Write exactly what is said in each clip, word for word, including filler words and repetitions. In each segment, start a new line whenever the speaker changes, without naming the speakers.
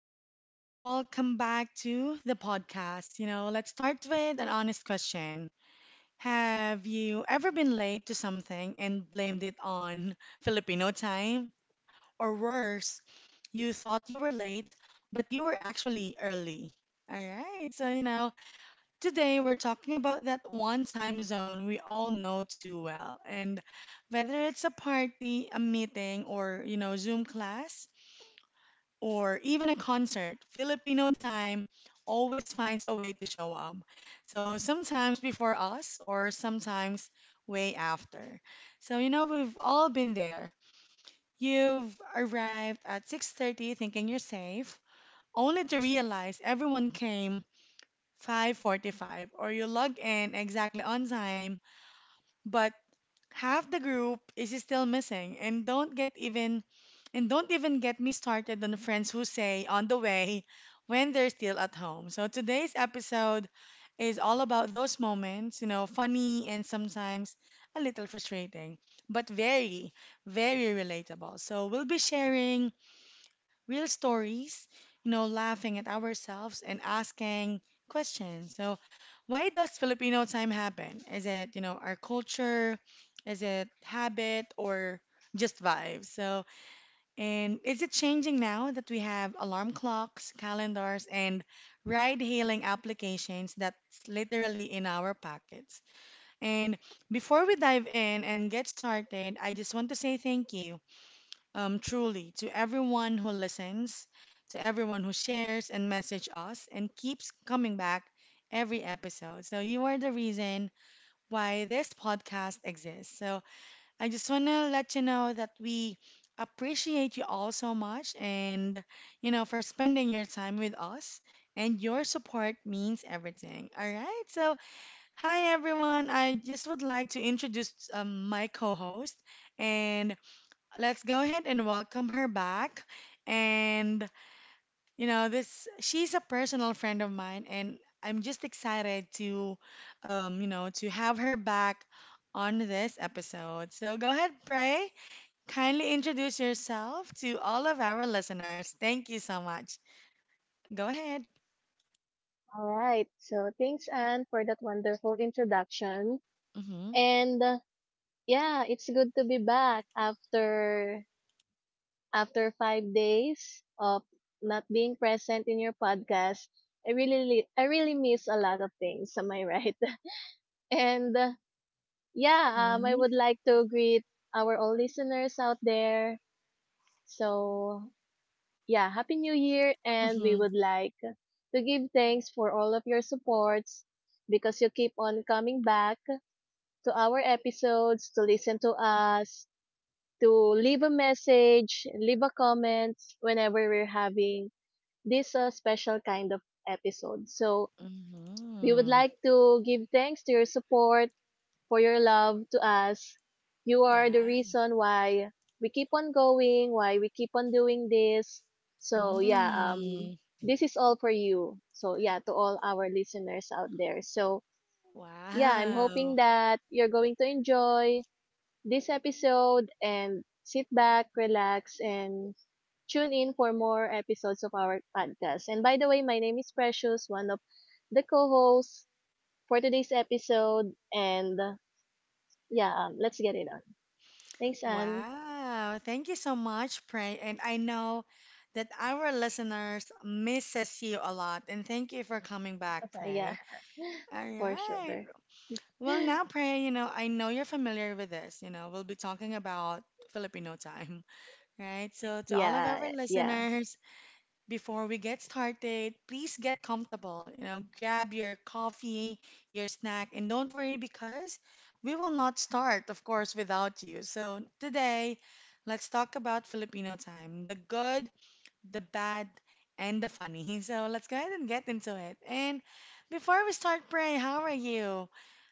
everyone, and welcome back to the podcast. You know, let's start with an honest question. Have you ever been late to something and blamed it on Filipino time? Or worse, you thought you were late, but you were actually early. All right, so you know, today we're talking about that one time zone we all know too well. And whether it's a party, a meeting, or, you know, Zoom class, or even a concert, Filipino time always finds a way to show up. So sometimes before us, or sometimes way after. So you know we've all been there. You've arrived at six thirty thinking you're safe, only to realize everyone came five forty-five, or you log in exactly on time, but half the group is still missing and don't get even and don't even get me started on friends who say on the way when they're still at home. So today's episode is all about those moments, you know, funny and sometimes a little frustrating, but very, very relatable. So we'll be sharing real stories, you know, laughing at ourselves and asking questions. So, why does Filipino time happen? Is it, you know, our culture? Is it habit or just vibes? So, and is it changing now that we have alarm clocks, calendars, and ride-hailing applications that's literally in our pockets? And before we dive in and get started, I just want to say thank you um, truly to everyone who listens, to everyone who shares and message us and keeps coming back every episode. So you are the reason why this podcast exists. So I just want to let you know that we appreciate you all so much and you know for spending your time with us and your support means everything. All right? So hi everyone. I just would like to introduce um, my co-host and let's go ahead and welcome her back. And you know, this she's a personal friend of mine, and I'm just excited to, um, you know, to have her back on this episode. So go ahead, Pray. Kindly introduce yourself to all of our listeners. Thank you so much. Go ahead.
All right. So thanks, Anne, for that wonderful introduction.
Mhm.
And uh, Yeah, it's good to be back after after five days of not being present in your podcast. I really, I really miss a lot of things. Am I right? And uh, yeah, um, I
Mhm.
would like to greet our all listeners out there. So yeah, happy New Year, and we
Mhm.
would like to give thanks for all of your supports because you keep on coming back to our episodes, to listen to us, to leave a message, leave a comment whenever we're having this uh, special kind of episode. So we would
Mhm.
like to give thanks to your support, for your love to us. You are the
Right.
reason why we keep on going, why we keep on doing this. So yeah, um
Mm.
this is all for you. So yeah, to all our listeners out there. So yeah, I'm hoping
Wow.
that you're going to enjoy this episode and sit back, relax, and tune in for more episodes of our podcast. And by the way, my name is Precious, one of the co hosts for today's episode. And uh, yeah, um, let's get it on. Thanks, Anne.
Wow, thank you so much, Pray. And I know that our listeners misses you a lot. And thank you for coming back,
Okay, yeah,
Pray. All
for
right.
sure.
Well, now, Pray, you know, I know you're familiar with this. You know, we'll be talking about Filipino time, right? So, to all of our
Yeah, yeah.
listeners, before we get started, please get comfortable. You know, grab your coffee, your snack, and don't worry because we will not start, of course, without you. So, today, let's talk about Filipino time the good, the bad, and the funny. So, let's go ahead and get into it. And before we start, Pray, how are you?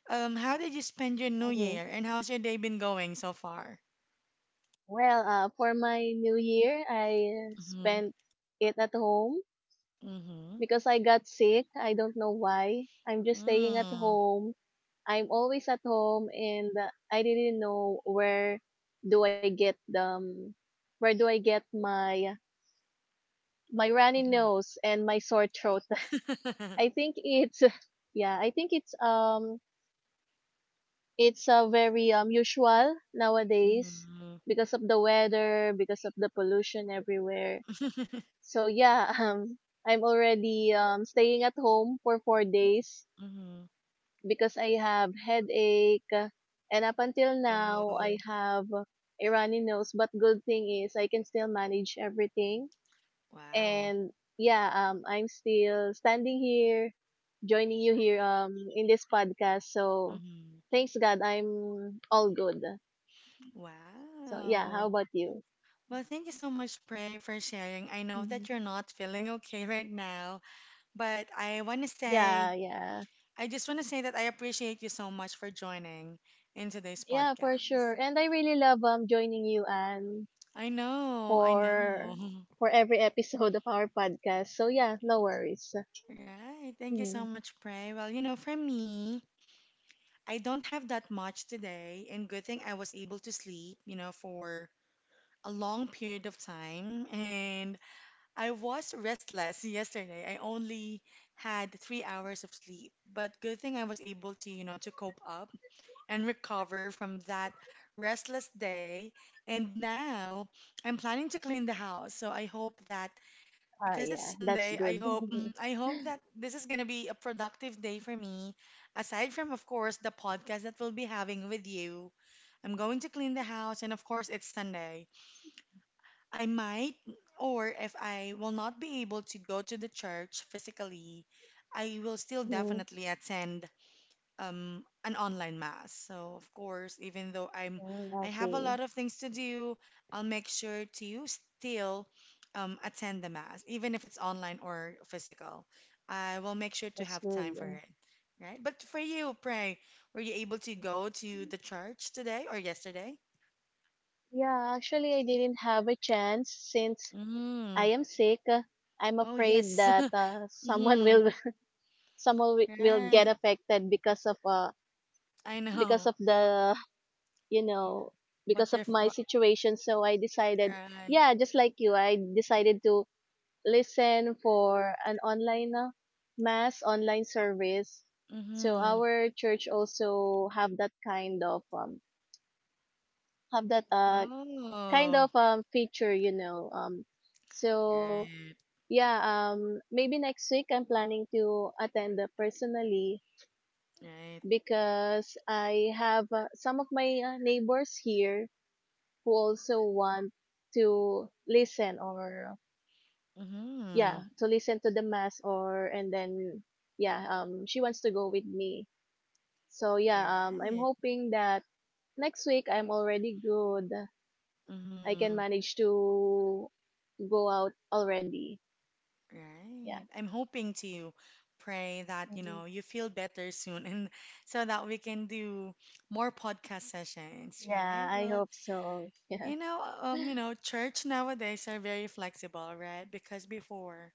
Um, how did you spend your new
Mhm.
year, and how's your day been going so far?
Well, uh, for my new year, I
Mm-hmm.
spent it at home
Mm-hmm.
because I got sick. I don't know why. I'm just staying at
Mm-hmm.
home. I'm always at home and uh, I didn't know where do I get um where do I get my my runny nose and my sore throat. I think it's yeah, I think it's um it's uh, very um usual nowadays
Hmm.
because of the weather, because of the pollution everywhere. So yeah, um I'm already um staying at home for four days
Hmm.
because I have headache uh, and up until now I
Oh,
have a runny nose, but good thing is I can still manage everything
wow.
and yeah, um I'm still standing here joining you here um in this podcast, so
Hmm.
thanks God I'm all good. So yeah, how
Wow.
about you?
Well, thank you so much, Prey, for sharing. I know that
Mhm.
you're not feeling okay right now, but I want to
Yeah,
say,
yeah,
I just want to say that I appreciate you so much for joining in today's
yeah, for
podcast.
sure. And I really love um joining you, Anne,
I know, I
for
know.
for every episode of our podcast. So yeah, no worries.
Right. Thank you so
Mhm.
much, Prey. Well, you know, for me, I don't have that much today, and good thing I was able to sleep, you know, for a long period of time and I was restless yesterday. I only had three hours of sleep, but good thing I was able to, you know, to cope up and recover from that restless day. And now I'm planning to clean the house. So I hope that
Ah,
because it's
yeah, that's
Sunday, I
good.
hope mm, I hope that this is going to be a productive day for me aside from of course the podcast that we'll be having with you. I'm going to clean the house and of course it's Sunday. I might, or if I will not be able to go to the church physically, I will still
Mhm.
definitely attend um, an online mass. So, of course, even though I'm
Mm,
I have a
okay,
lot of things to do, I'll make sure to still um, attend the mass, even if it's online or physical. I will make sure to
that's
have time for
good.
it, right? But for you, pray, were you able to go to the church today or yesterday?
Yeah, actually, I didn't have a chance since I
Mm.
am sick. Uh, I'm
Oh,
afraid
yes.
that uh, someone
Mhm.
will someone wi- will get
Right.
affected because of uh
I
because
know
of the you know,
what
because of
you're. F-
my
wha-
situation. So I decided,
Right.
yeah, just like you, I decided to listen for an online uh, mass, online service. So
Mm-hmm.
our church also have that kind of um have that uh kind
Oh.
of um feature, you know. Um so
Right.
yeah, um maybe next week I'm planning to attend uh, personally
Right.
because I have uh, some of my uh, neighbors here who also want to listen or
Mm-hmm.
yeah, to listen to the mass. Or and then yeah, um she wants to go with me. So yeah, um I'm
Right.
hoping that next week I'm already good, I can
Mm-hmm.
manage to go out already. Yeah.
Right. I'm hoping to pray that, you
Hmm.
know, you feel better soon and so that we can do more podcast sessions, right?
Yeah, I
Well,
hope so. Yeah.
you know, um, you know, church nowadays are very flexible, right? Because before,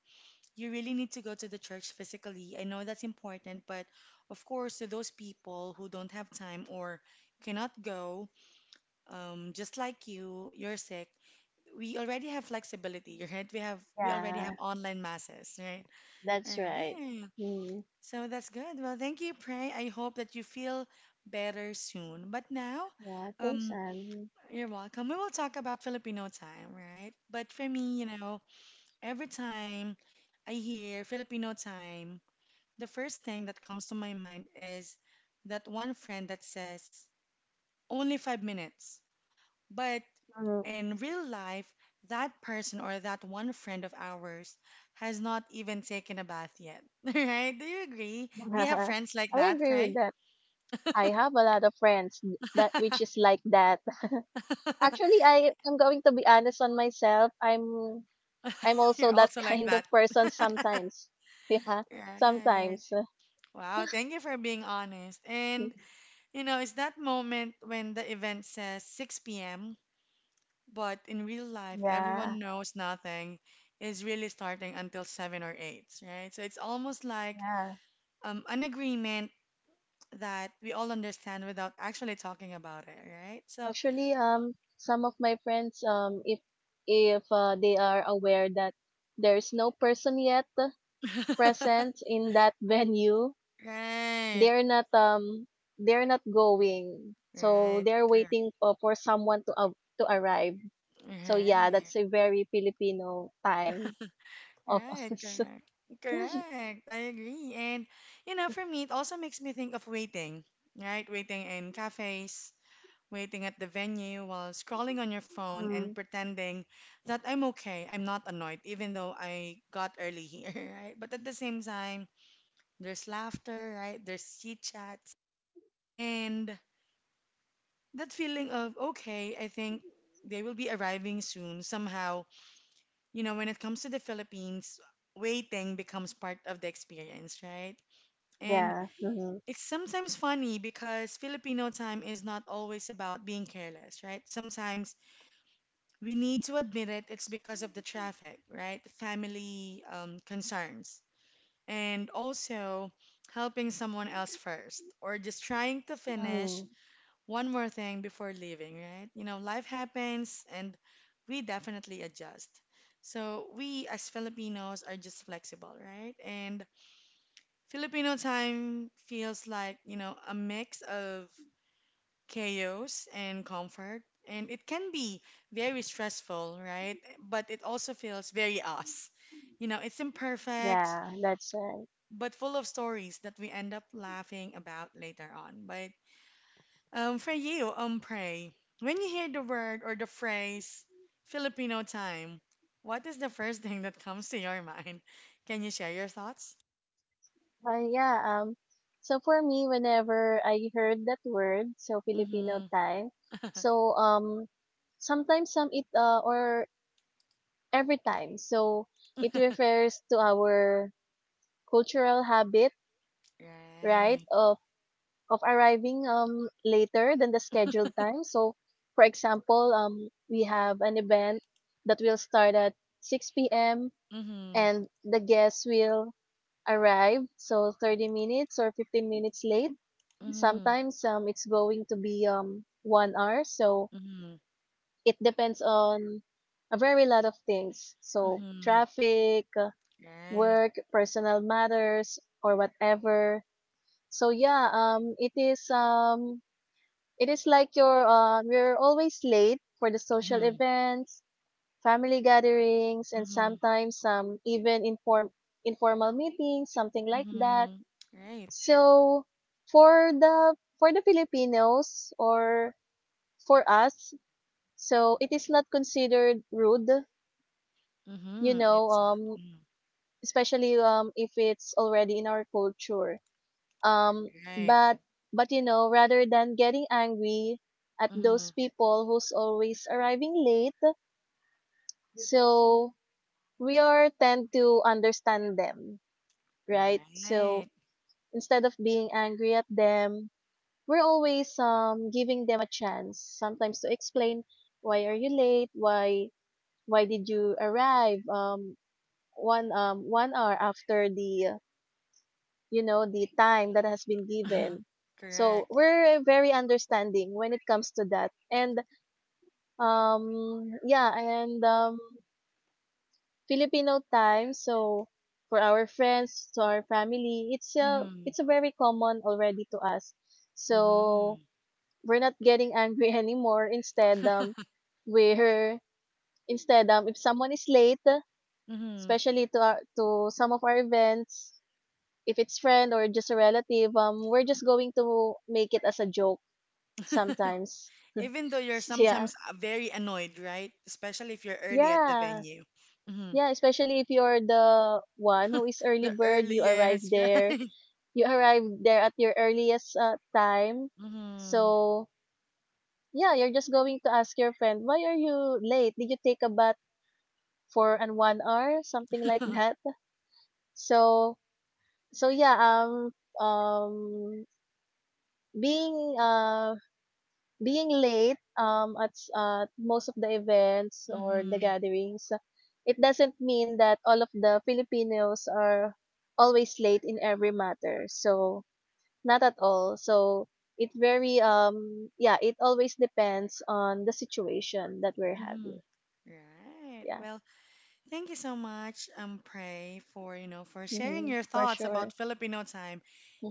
you really need to go to the church physically. I know that's important, but of course, to those people who don't have time or cannot go, um, just like you, you're sick. We already have flexibility, right? We have we already have
Yeah,
online masses, right? All
that's right.
right.
Mm.
So that's good. Well, thank you, Pray. I hope that you feel better soon. But now,
Yeah, thanks.
um,
Um
you're welcome. We will talk about Filipino time, right? But for me, you know, every time I hear Filipino time, the first thing that comes to my mind is that one friend that says, only five minutes. But
mm.
in real life, that person or that one friend of ours has not even taken a bath yet. Right? Do you agree? Do you have friends like
I
that,
agree with
Pray?
that. I have a lot of friends that which is like that. Actually, I am going to be honest on myself. i'm I'm also
You're
that
also like
kind of
that.
person sometimes. Yeah,
Right.
sometimes.
Wow, thank you for being honest. And you know, it's that moment when the event says six p m. But in real life, everyone
Yeah,
knows nothing is really starting until seven or eight, right? So it's almost like
yeah.
um, an agreement that we all understand without actually talking about it, right? So,
Actually, um, some of my friends, um, if if uh, they are aware that there's no person yet present in that venue,
right,
they're not um they're not going. So
right,
they're
correct,
waiting for, for someone to uh, to arrive. So yeah,
right,
that's a very Filipino time of
right,
us.
correct. Correct, I agree. And you know, for me, it also makes me think of waiting, right? Waiting in cafes, waiting at the venue while scrolling on your phone and
Mm,
pretending that I'm okay, I'm not annoyed, even though I got early here, right? But at the same time, there's laughter, right? There's chit chats. And that feeling of, okay, I think they will be arriving soon somehow. You know, when it comes to the Philippines, waiting becomes part of the experience, right? And
yeah. Mm-hmm.
it's sometimes funny because Filipino time is not always about being careless, right? Sometimes we need to admit it, it's because of the traffic, right? Family um, concerns. And also helping someone else first, or just trying to
Hmm.
finish one more thing before leaving, right? You know, life happens and we definitely adjust. So we as Filipinos are just flexible, right? And Filipino time feels like, you know, a mix of chaos and comfort. And it can be very stressful, right? But it also feels very us. You know, it's imperfect,
Yeah, that's right.
but full of stories that we end up laughing about later on. But um, for you, um, pray, when you hear the word or the phrase Filipino time, what is the first thing that comes to your mind? Can you share your thoughts?
Uh, yeah, um, so for me, whenever I heard that word, so Filipino
Mm-hmm.
time, so um, sometimes some it uh, or every time, so it refers to our cultural habit, right,
Right.
of of arriving um later than the scheduled time. So, for example, um, we have an event that will start at six p m
Mm-hmm.
and the guests will arrived, so thirty minutes or fifteen minutes late.
Mm-hmm.
Sometimes um it's going to be um one hour, so
Mm-hmm.
it depends on a very lot of things. So
Mm-hmm.
traffic, uh,
Right.
work, personal matters, or whatever. So yeah, um it is um it is like you're um you're always late for the social
Mm-hmm.
events, family gatherings, and
Mm-hmm.
sometimes um even inform informal meetings, something like that.
Mm-hmm. Right.
So for the for the Filipinos or for us, so it is not considered rude, you
Mm-hmm.
know,
It's
um
mm,
especially um if it's already in our culture. Um
right.
but but you know, rather than getting angry at
Mm-hmm.
those people who's always arriving late, so we are tend to understand them, right? So
Right.
instead of being angry at them, we're always um giving them a chance sometimes to explain why are you late, why why did you arrive um one um one hour after the uh, you know, the time that has been given. So
Correct.
we're very understanding when it comes to that. And um yeah and um Filipino time, so for our friends to our family, it's a
Mm-hmm.
it's a very common already to us. So
Mm-hmm.
we're not getting angry anymore. Instead, um, we're instead um, if someone is late,
Mm-hmm.
especially to our, to some of our events, if it's friend or just a relative, um, we're just going to make it as a joke sometimes.
Even though you're
S- Yeah,
sometimes uh, very annoyed, right? Especially if you're early at the
yeah,
venue. Mm-hmm.
yeah. Especially if you're the one who is early
The
bird, you arrive
earliest,
there.
right?
You arrive there at your earliest uh, time.
Mm-hmm.
So yeah, you're just going to ask your friend, why are you late? Did you take a bath? For an one hour, something like that. So so yeah, um um being uh being late um at s- uh, most of the events or the
Mm-hmm.
gatherings, it doesn't mean that all of the Filipinos are always late in every matter. So not at all. So it very um yeah, it always depends on the situation that we're
Mm-hmm.
having.
Right.
Yeah.
Well, thank you so much, um, Prey, for you know for sharing
Hmm.
your
For
thoughts
sure.
about Filipino time.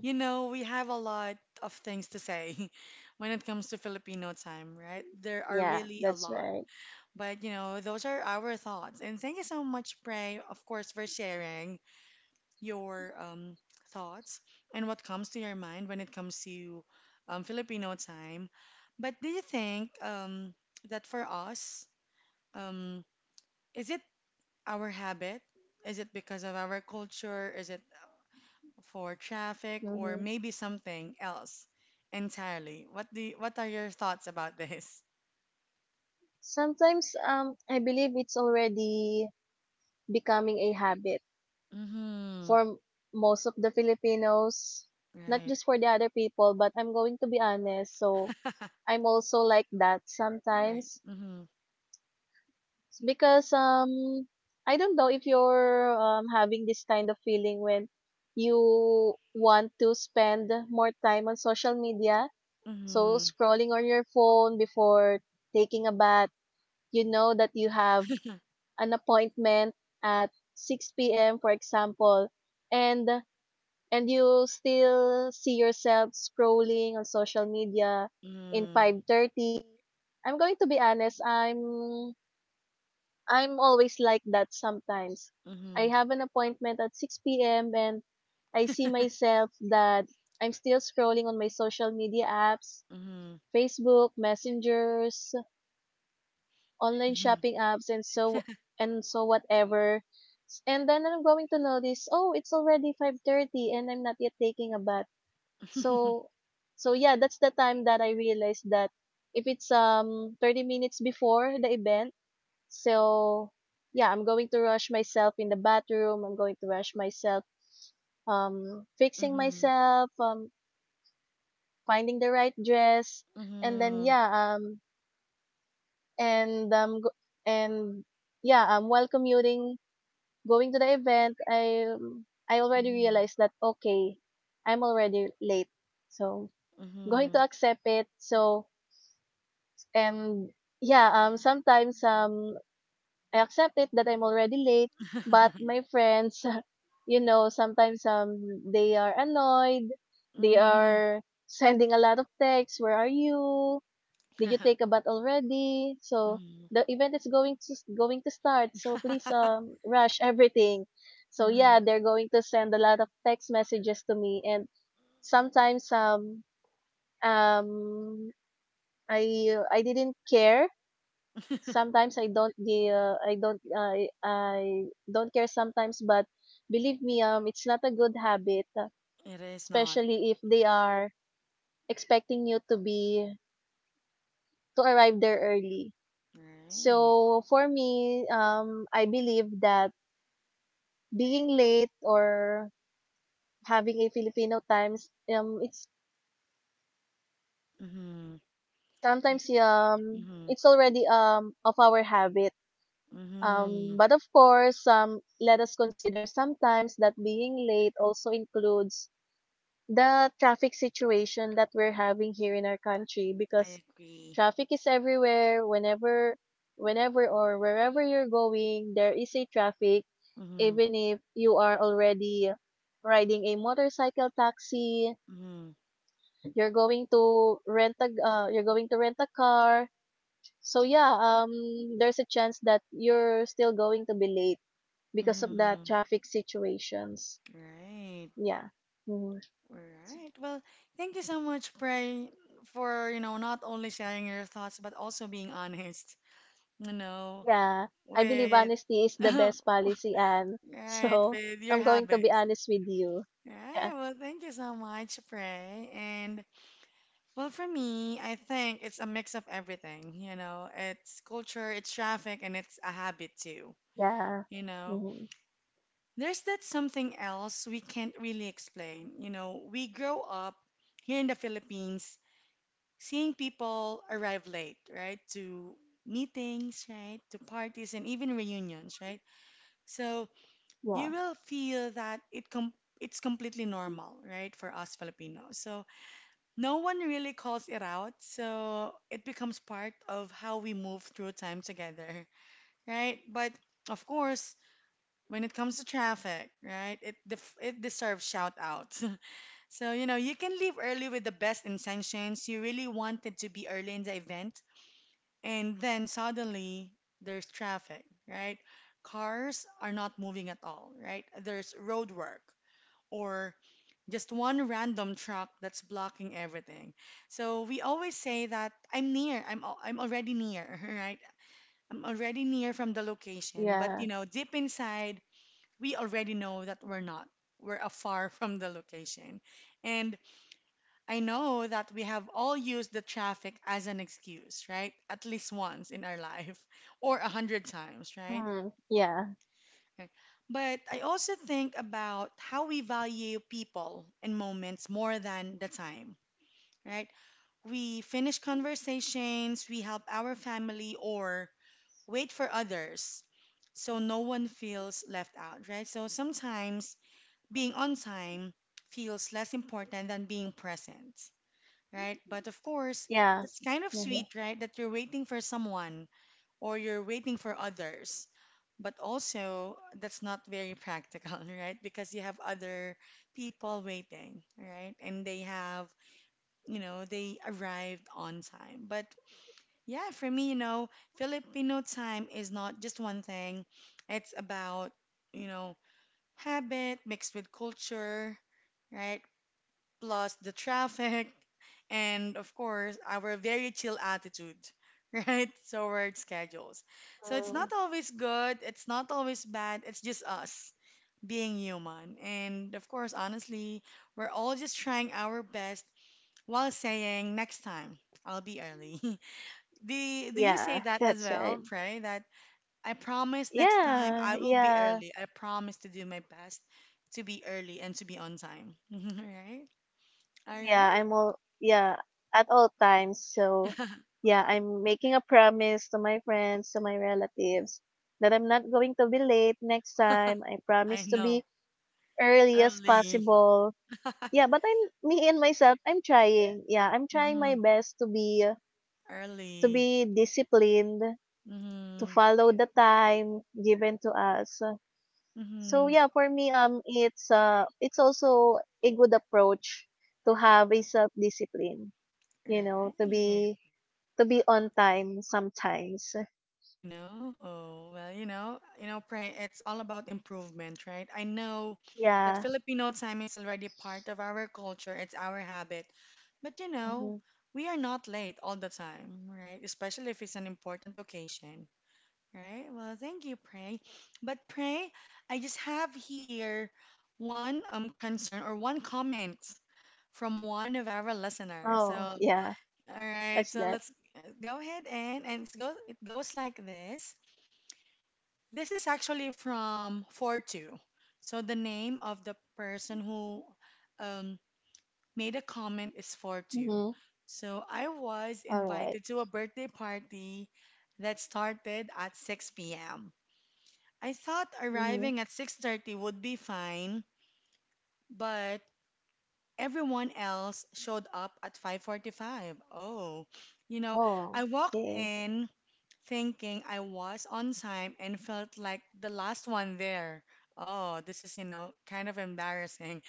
You know, we have a lot of things to say when it comes to Filipino time, right? There are
Yeah,
really a
that's
lot.
right.
But you know, those are our thoughts. And thank you so much, Prey, of course, for sharing your um, thoughts and what comes to your mind when it comes to um, Filipino time. But do you think um, that for us, um, is it our habit? Is it because of our culture? Is it for traffic or
Hmm.
maybe something else entirely? What do you- what are your thoughts about this?
Sometimes, um, I believe it's already becoming a habit
Mm-hmm.
for m- most of the Filipinos, not
Right.
just for the other people, but I'm going to be honest. So I'm also like that
Right.
sometimes.
Mm-hmm.
It's because, um, I don't know if you're um, having this kind of feeling when you want to spend more time on social media. So
Mm-hmm.
scrolling on your phone before taking a bath, you know that you have an appointment at six p m, for example, and and you still see yourself scrolling on social media in five thirty. I'm going to be honest, I'm I'm always like that sometimes. I
Mm-hmm.
have an appointment at six p m and I see myself that I'm still scrolling on my social media apps,
Mm-hmm.
Facebook messengers, online
Mm-hmm.
shopping apps, and so and so whatever. S- And then I'm going to notice, oh, it's already five thirty and I'm not yet taking a bath.
Mm-hmm.
So so yeah, that's the time that I realized that if it's um thirty minutes before the event, so yeah, I'm going to rush myself in the bathroom, I'm going to rush myself um fixing myself, um finding the right dress,
Mm-hmm.
and then
Mm-hmm.
yeah, um and um go- and yeah, um, while commuting going to the event, I um, I already realized that okay, I'm already late. So going to
Mm-hmm.
accept it. So and yeah, um sometimes um I accept it that I'm already late, but
Mm-hmm.
my friends, you know, sometimes um they are annoyed, they are sending a lot of texts, where are you? Did you take a bath already? So
Mm-hmm.
the event is going to going to start. So please um
Mm-hmm.
rush everything. So yeah,
Mhm.
they're going to send a lot of text messages to me and sometimes um um I I didn't care. Sometimes I don't gi- uh, I don't I I don't care sometimes, but believe me, um it's not a good habit, uh,
It is not.
especially if they are expecting you to be to arrive there early.
Right.
So for me, um, I believe that being late or having a Filipino times, um, it's
Mm-hmm.
sometimes um,
Mm-hmm.
it's already um of our habit.
Mm-hmm.
Um, but of course, um, let us consider sometimes that being late also includes the traffic situation that we're having here in our country, because
I agree.
traffic is everywhere. Whenever whenever or wherever you're going, there is a traffic.
Mm-hmm.
Even if you are already riding a motorcycle taxi,
Mm-hmm.
you're going to rent a uh, you're going to rent a car, so yeah, um there's a chance that you're still going to be late because of the
Mm-hmm.
traffic situations.
Right.
Yeah. Mhm.
All right. Well, thank you so much, Pray, for, you know, not only sharing your thoughts, but also being honest, you know,
Yeah, I believe
with
honesty is the best policy, and
right,
so
with your
I'm going to be
habits.
honest with you. Yeah,
Right. Well, thank you so much, Pray. And well, for me, I think it's a mix of everything, you know, it's culture, it's traffic, and it's a habit too,
yeah,
you know.
mm-hmm.
There's that something else we can't really explain. You know, we grow up here in the Philippines seeing people arrive late, right? To meetings, right? To parties and even reunions, right? So you
Yeah,
will feel that it com it's completely normal, right, for us Filipinos. So no one really calls it out. So it becomes part of how we move through time together, right? But of course, when it comes to traffic, right? It def- it deserves shout out. So you know you can leave early with the best intentions. You really wanted to be early in the event, and then suddenly there's traffic, right? Cars are not moving at all, right? There's roadwork or just one random truck that's blocking everything. So we always say that I'm near. I'm al- I'm already near, right? I'm already near from the location, but you
yeah,
know, deep inside we already know that we're not. We're afar from the location. And I know that we have all used the traffic as an excuse, right? At least once in our life or a hundred times, right?
mm-hmm. Yeah,
Okay. But I also think about how we value people and moments more than the time, right? We finish conversations, we help our family, or wait for others so no one feels left out, right? So sometimes being on time feels less important than being present, right? But of course, that's
yeah,
kind of sweet,
mm-hmm.
right? That you're waiting for someone or you're waiting for others. But also, that's not very practical, right? Because you have other people waiting, right? And they have, you know, they arrived on time. But yeah, for me, you know, Filipino time is not just one thing, it's about, you know, habit mixed with culture, right? Plus the traffic, and of course, our very chill attitude, right? So, work schedules. So, it's
Mm.
not always good, it's not always bad, it's just us being human. And of course, honestly, we're all just trying our best while saying, next time, I'll be early. Do, do you say
Yeah.
that as
That's right.
well, Pray? That I promise next time
Yeah,
I will be
yeah,
early. I promise to do my best to be early and to be on time. Right? All
yeah.
right.
I'm all yeah at all times. So yeah, I'm making a promise to my friends, to my relatives, that I'm not going to be late next time. I
I
promise to be
know.
early as
Early.
possible. Yeah, but I'm me and myself, I'm trying. Yeah, I'm trying my
Hmm.
best to be to
Early.
be disciplined, to
Hmm.
follow the time given to us. So
Hmm.
yeah, for me um it's uh it's also a good approach to have a self-discipline, you know, to
Right.
be to be on time sometimes.
I know. Oh, well, you know, you know, Pray, it's all about improvement, right? I know that
Yeah.
Filipino time is already part of our culture, it's our habit. But you know,
Hmm.
we are not late all the time, right? Especially if it's an important occasion, right? Well, thank you, Pray. But Pray, I just have here one um concern or one comment from one of our listeners. So,
Oh,
all
yeah.
right,
That's
so
that.
let's uh, go ahead and and it's go, it goes like this. This is actually from forty-two. So the name of the person who um, made a comment is forty-two.
Mhm.
So I was
All right.
invited to a birthday party that started at six p m. I thought
Mhm.
arriving at six thirty would be fine, but everyone else showed up at five forty-five. Oh, you know,
Oh,
I walked
okay.
in thinking I was on time and felt like the last one there. Oh, this is, you know, kind of embarrassing.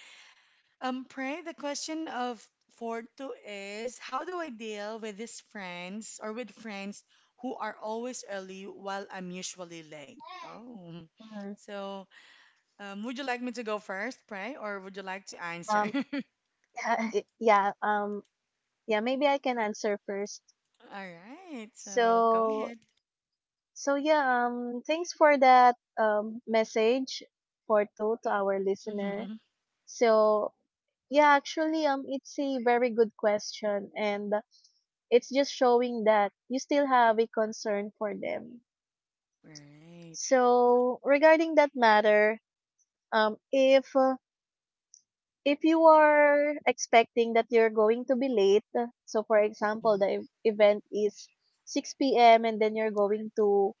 Um, Pray, the question of for two is how do I deal with these friends or with friends who are always early while I'm usually late? Oh,
Mhm.
so um, would you like me to go first, Pray, or would you like to answer?
Um yeah, um yeah, maybe i can answer first.
All right. So go
so
ahead.
so yeah, um thanks for that um message for two to our listener.
Mm-hmm.
So yeah, actually um it's a very good question, and it's just showing that you still have a concern for them.
Right.
So regarding that matter, um if uh, if you are expecting that you're going to be late, so for example,
Mhm,
the ev- event is six p m and then you're going to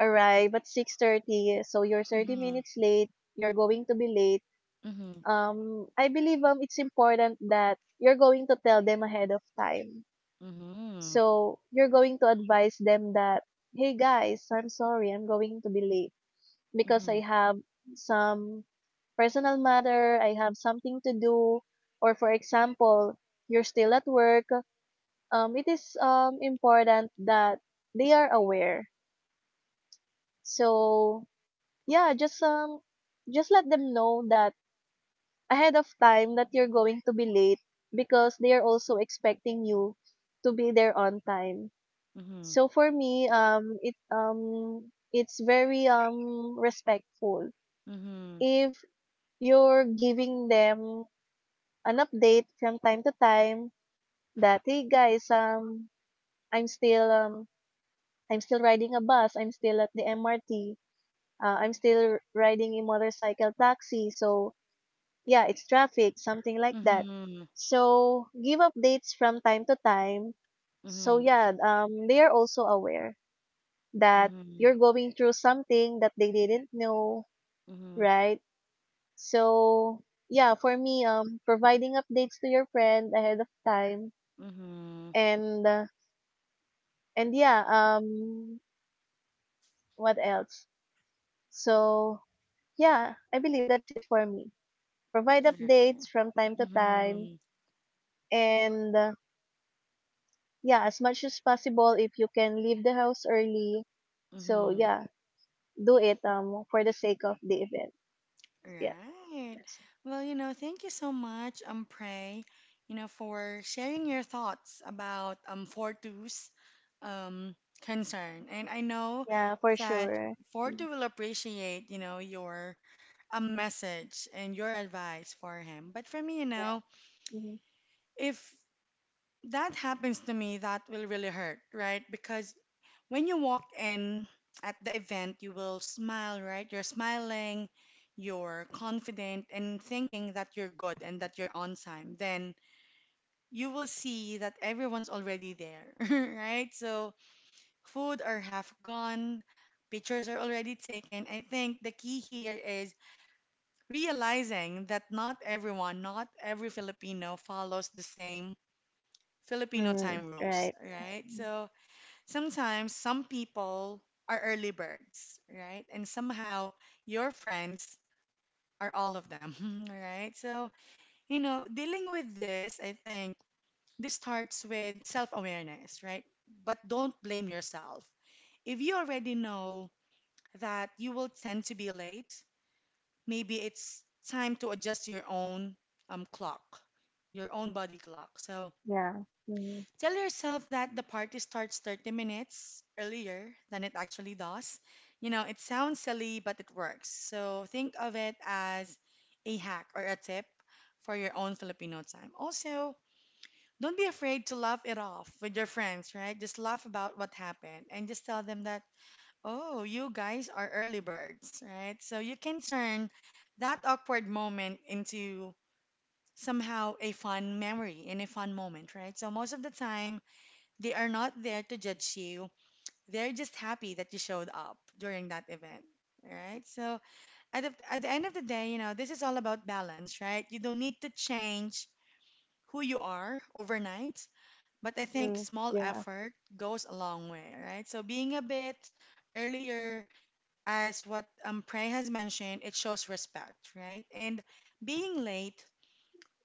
arrive at six thirty, so you're thirty
mhm,
minutes late, you're going to be late.
mhm,
Um I believe um it's important that you're going to tell them ahead of time.
mhm,
So you're going to advise them that hey guys, I'm sorry, I'm going to be late because I
mhm,
have some personal matter, I have something to do, or for example, you're still at work. Um, it is um, important that they are aware. So yeah, just um, just let them know that ahead of time that you're going to be late, because they are also expecting you to be there on time.
mhm,
So for me, um, it um, it's very um respectful
mhm,
if you're giving them an update from time to time that hey guys, um, I'm still um, I'm still riding a bus. I'm still at the M R T. Uh, I'm still riding a motorcycle taxi. So yeah, it's traffic, something like that.
mhm,
So give updates from time to time. So
mhm,
yeah, um, they are also aware that you're going through something that they didn't know,
mhm,
right? So yeah, for me, um, providing updates to your friend ahead of time,
mhm, mhm,
and uh, and yeah, um, what else? So yeah, I believe that's it for me. Provide
right.
updates from time to time,
Mhm,
and uh, yeah, as much as possible, if you can leave the house early. So
mhm,
yeah, do it um for the sake of the event. Yeah,
right.
that's it.
Well, you know, thank you so much, um, Prey, you know, for sharing your thoughts about um Fortu's um concern. And I know
Yeah, for
that
sure. Mm,
Fortu will appreciate, you know, your um message and your advice for him. But for me, you
yeah.
know,
Mhm.
if that happens to me, that will really hurt, right? Because when you walk in at the event, you will smile, right? You're smiling, you're confident, and thinking that you're good and that you're on time. Then you will see that everyone's already there, right? So, food are half gone, pictures are already taken. I think the key here is realizing that not everyone, not every Filipino follows the same Filipino
Mhm.
time rules,
Right.
right?
Mhm.
So, sometimes some people are early birds, right? And somehow your friends are all of them, right? So, you know, dealing with this, I think this starts with self awareness, right? But don't blame yourself. If you already know that you will tend to be late, maybe it's time to adjust your own um, clock, your own body clock. So,
Yeah. Mhm.
tell yourself that the party starts thirty minutes earlier than it actually does. You know, it sounds silly, but it works. So think of it as a hack or a tip for your own Filipino time. Also, don't be afraid to laugh it off with your friends, right? Just laugh about what happened and just tell them that, oh, you guys are early birds, right? So you can turn that awkward moment into somehow a fun memory and a fun moment, right? So most of the time, they are not there to judge you. They're just happy that you showed up during that event. Right? So at the, at the end of the day, you know, this is all about balance, right? You don't need to change who you are overnight, but I think
Mm.
small
Yeah.
effort goes a long way, right? So being a bit earlier, as what um, Prey has mentioned, it shows respect, right? And being late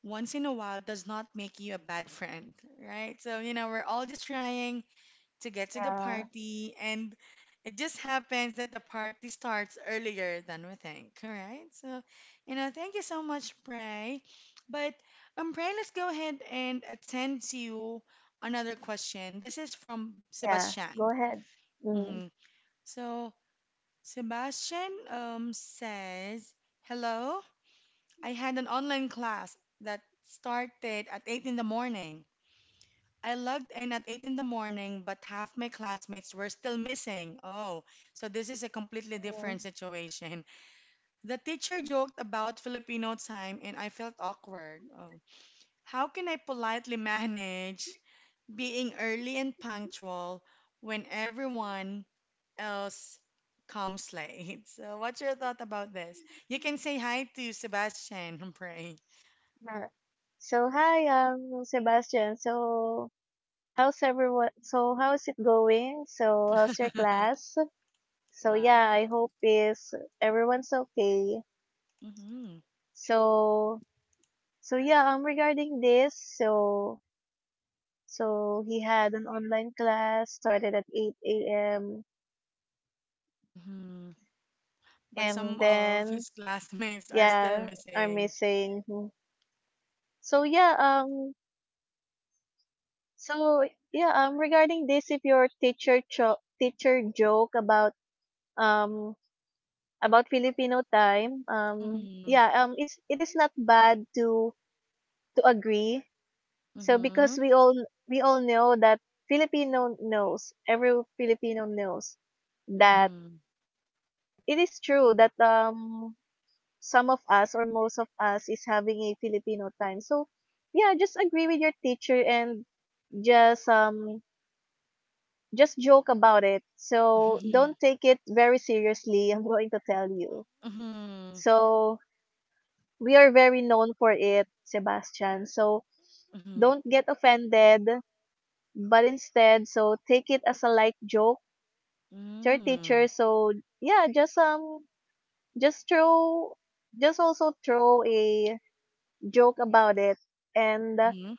once in a while does not make you a bad friend, right? So, you know, we're all just trying to get to the
Yeah.
party, and it just happens that the party starts earlier than we think, right? So, you know, thank you so much, Pray. But, um, Pray, let's go ahead and attend to another question. This is from
Yeah. Go
Sebastian.
ahead.
Hmm. So, Sebastian um, says, hello, I had an online class that started at eight in the morning. I logged in at eight in the morning, but half my classmates were still missing. Oh, so this is a completely
Mhm.
different situation. The teacher joked about Filipino time and I felt awkward. Oh. How can I politely manage being early and punctual when everyone else comes late? So, what's your thought about this? You can say hi to Sebastian, Pray.
Alright. So hi, um, Sebastian. So how's everyone? So how's it going? So how's your class? So yeah, I
Wow.
hope is everyone's okay.
Mm-hmm.
So so yeah, um, regarding this, so so he had an online class started at eight a m
Mm-hmm. But some
and
of
then
his classmates are still
yeah, I'm
missing.
missing. Mhm. So yeah, um, so yeah, um, regarding this, if your teacher cho- teacher joke about um, about Filipino time, um,
Mm-hmm.
yeah, um, it's it is not bad to to agree. So
Mm-hmm.
because we all we all know that Filipino knows every Filipino knows that
Mm-hmm.
it is true that um some of us or most of us is having a Filipino time. So yeah, just agree with your teacher, and just um just joke about it. So
Mm-hmm.
don't take it very seriously. I'm going to tell you.
Mm-hmm.
So we are very known for it, Sebastian. So
Mm-hmm.
don't get offended, but instead, so take it as a light joke to your
Mm-hmm.
teacher. So yeah, just um, just throw, just also throw a joke about it, and uh,
Mm-hmm.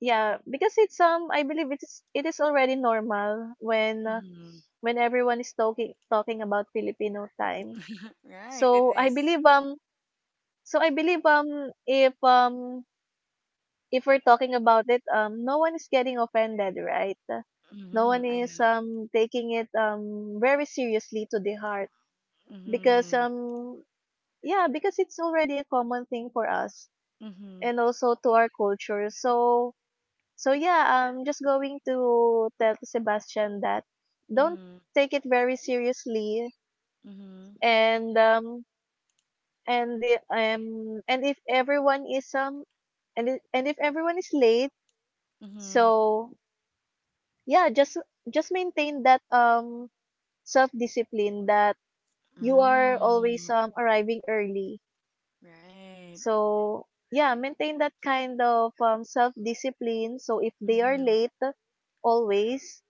yeah, because it's um, I believe it is it is already normal when uh,
Mm-hmm.
when everyone is talking talking about Filipino time.
Right, it
So I
is.
believe um, so I believe, um, if um if we're talking about it, um, no one is getting offended, right? No one
Mhm, I
is
know.
um taking it um very seriously to the heart, because
Mhm,
um yeah, because it's already a common thing for us,
mhm,
and also to our culture. So so yeah, I'm just going to tell Sebastian that don't
mhm,
take it very seriously,
mhm,
and um and the um and if everyone is um and if, and if everyone is late,
mhm,
so yeah, just just maintain that um self discipline, that you are
mm,
always um arriving early.
right,
So yeah, maintain that kind of um self discipline, so if they are
mhm,
late always,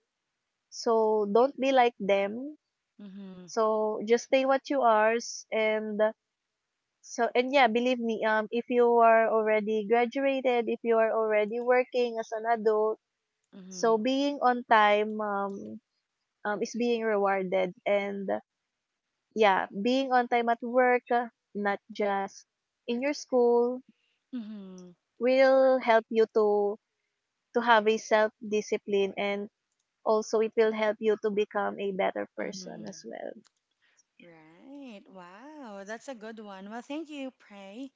so don't be like them.
mhm,
So just stay what you are s- and so, and yeah, believe me, um if you are already graduated, if you are already working as an adult,
mhm,
so being on time, um, um is being rewarded, and yeah, being on time at work, uh, not just in your school,
mhm,
will help you to to have a self discipline, and also it will help you to become a better person as
mhm.
well.
Right. Wow, that's a good one. Well, thank you, Pray,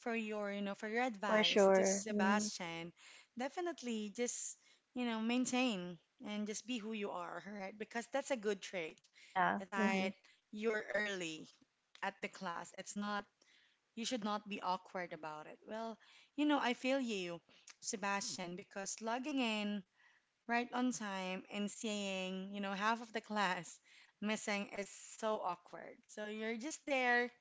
for your, you know, for your
For
advice to
sure. Hmm.
Sebastian. Definitely just, you know, maintain and just be who you are, right? Because that's a good trait
Yeah. Hmm.
that you're early at the class. It's not, you should not be awkward about it. Well, you know, I feel you, Sebastian, because logging in right on time and seeing, you know, half of the class missing is so awkward. So you're just there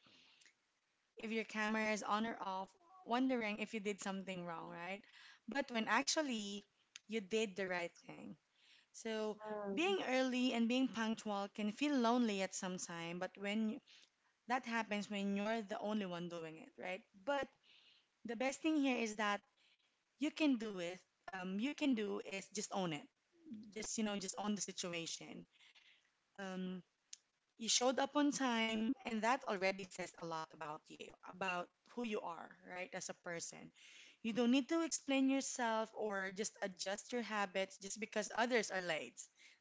if your camera is on or off, wondering if you did something wrong, right? But when actually you did the right thing. So
Mm,
being early and being punctual can feel lonely at some time, but when that happens when you're the only one doing it, right? But the best thing here is that you can do it. Um, you can do is just own it. Just you know, just own the situation. Um, you showed up on time, and that already says a lot about you, about who you are, right, as a person. You don't need to explain yourself or just adjust your habits just because others are late.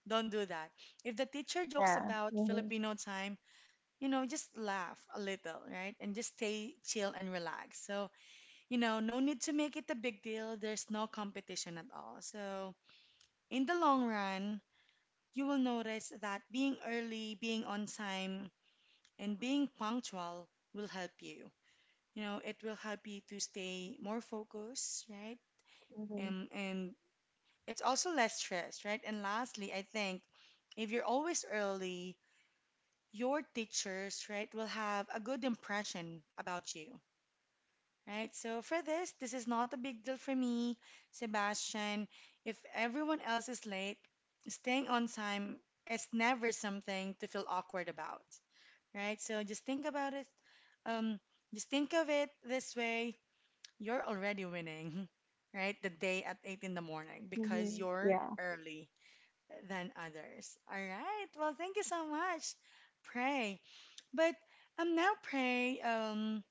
Don't do that. If the teacher jokes
yeah.
about
Hmm.
Filipino time, you know, just laugh a little, right? And just stay chill and relax. So, you know, no need to make it a big deal. There's no competition at all. So, in the long run, you will notice that being early, being on time, and being punctual will help you. You know, it will help you to stay more focused, right?
Mm-hmm.
Um, and it's also less stress, right? And lastly, I think if you're always early, your teachers, right, will have a good impression about you, right? So for this, this is not a big deal for me, Sebastian. If everyone else is late, staying on time is never something to feel awkward about, right? So just think about it. Um, just think of it this way. You're already winning, right? The day at eight in the morning because
Hmm.
you're
Yeah.
early than others. All right. Well, thank you so much, Pray. But um, now Pray, um,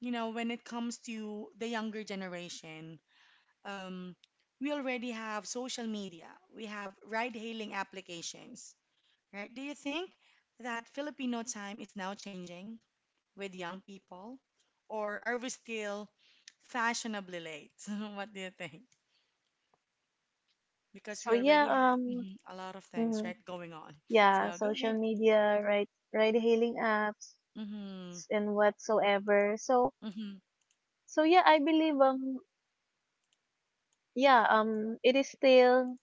you know, when it comes to the younger generation, um, we already have social media. We have ride-hailing applications, right? Do you think that Filipino time is now changing with young people, or are we still fashionably late? What do you think? Because
So
we
yeah,
already have
um,
mhm, a lot of things,
mhm,
right, going on.
yeah,
So go
social
ahead.
media, right, ride hailing apps,
Mm-hmm.
and whatsoever. So
Mm-hmm.
so yeah, I believe um yeah, um, it is still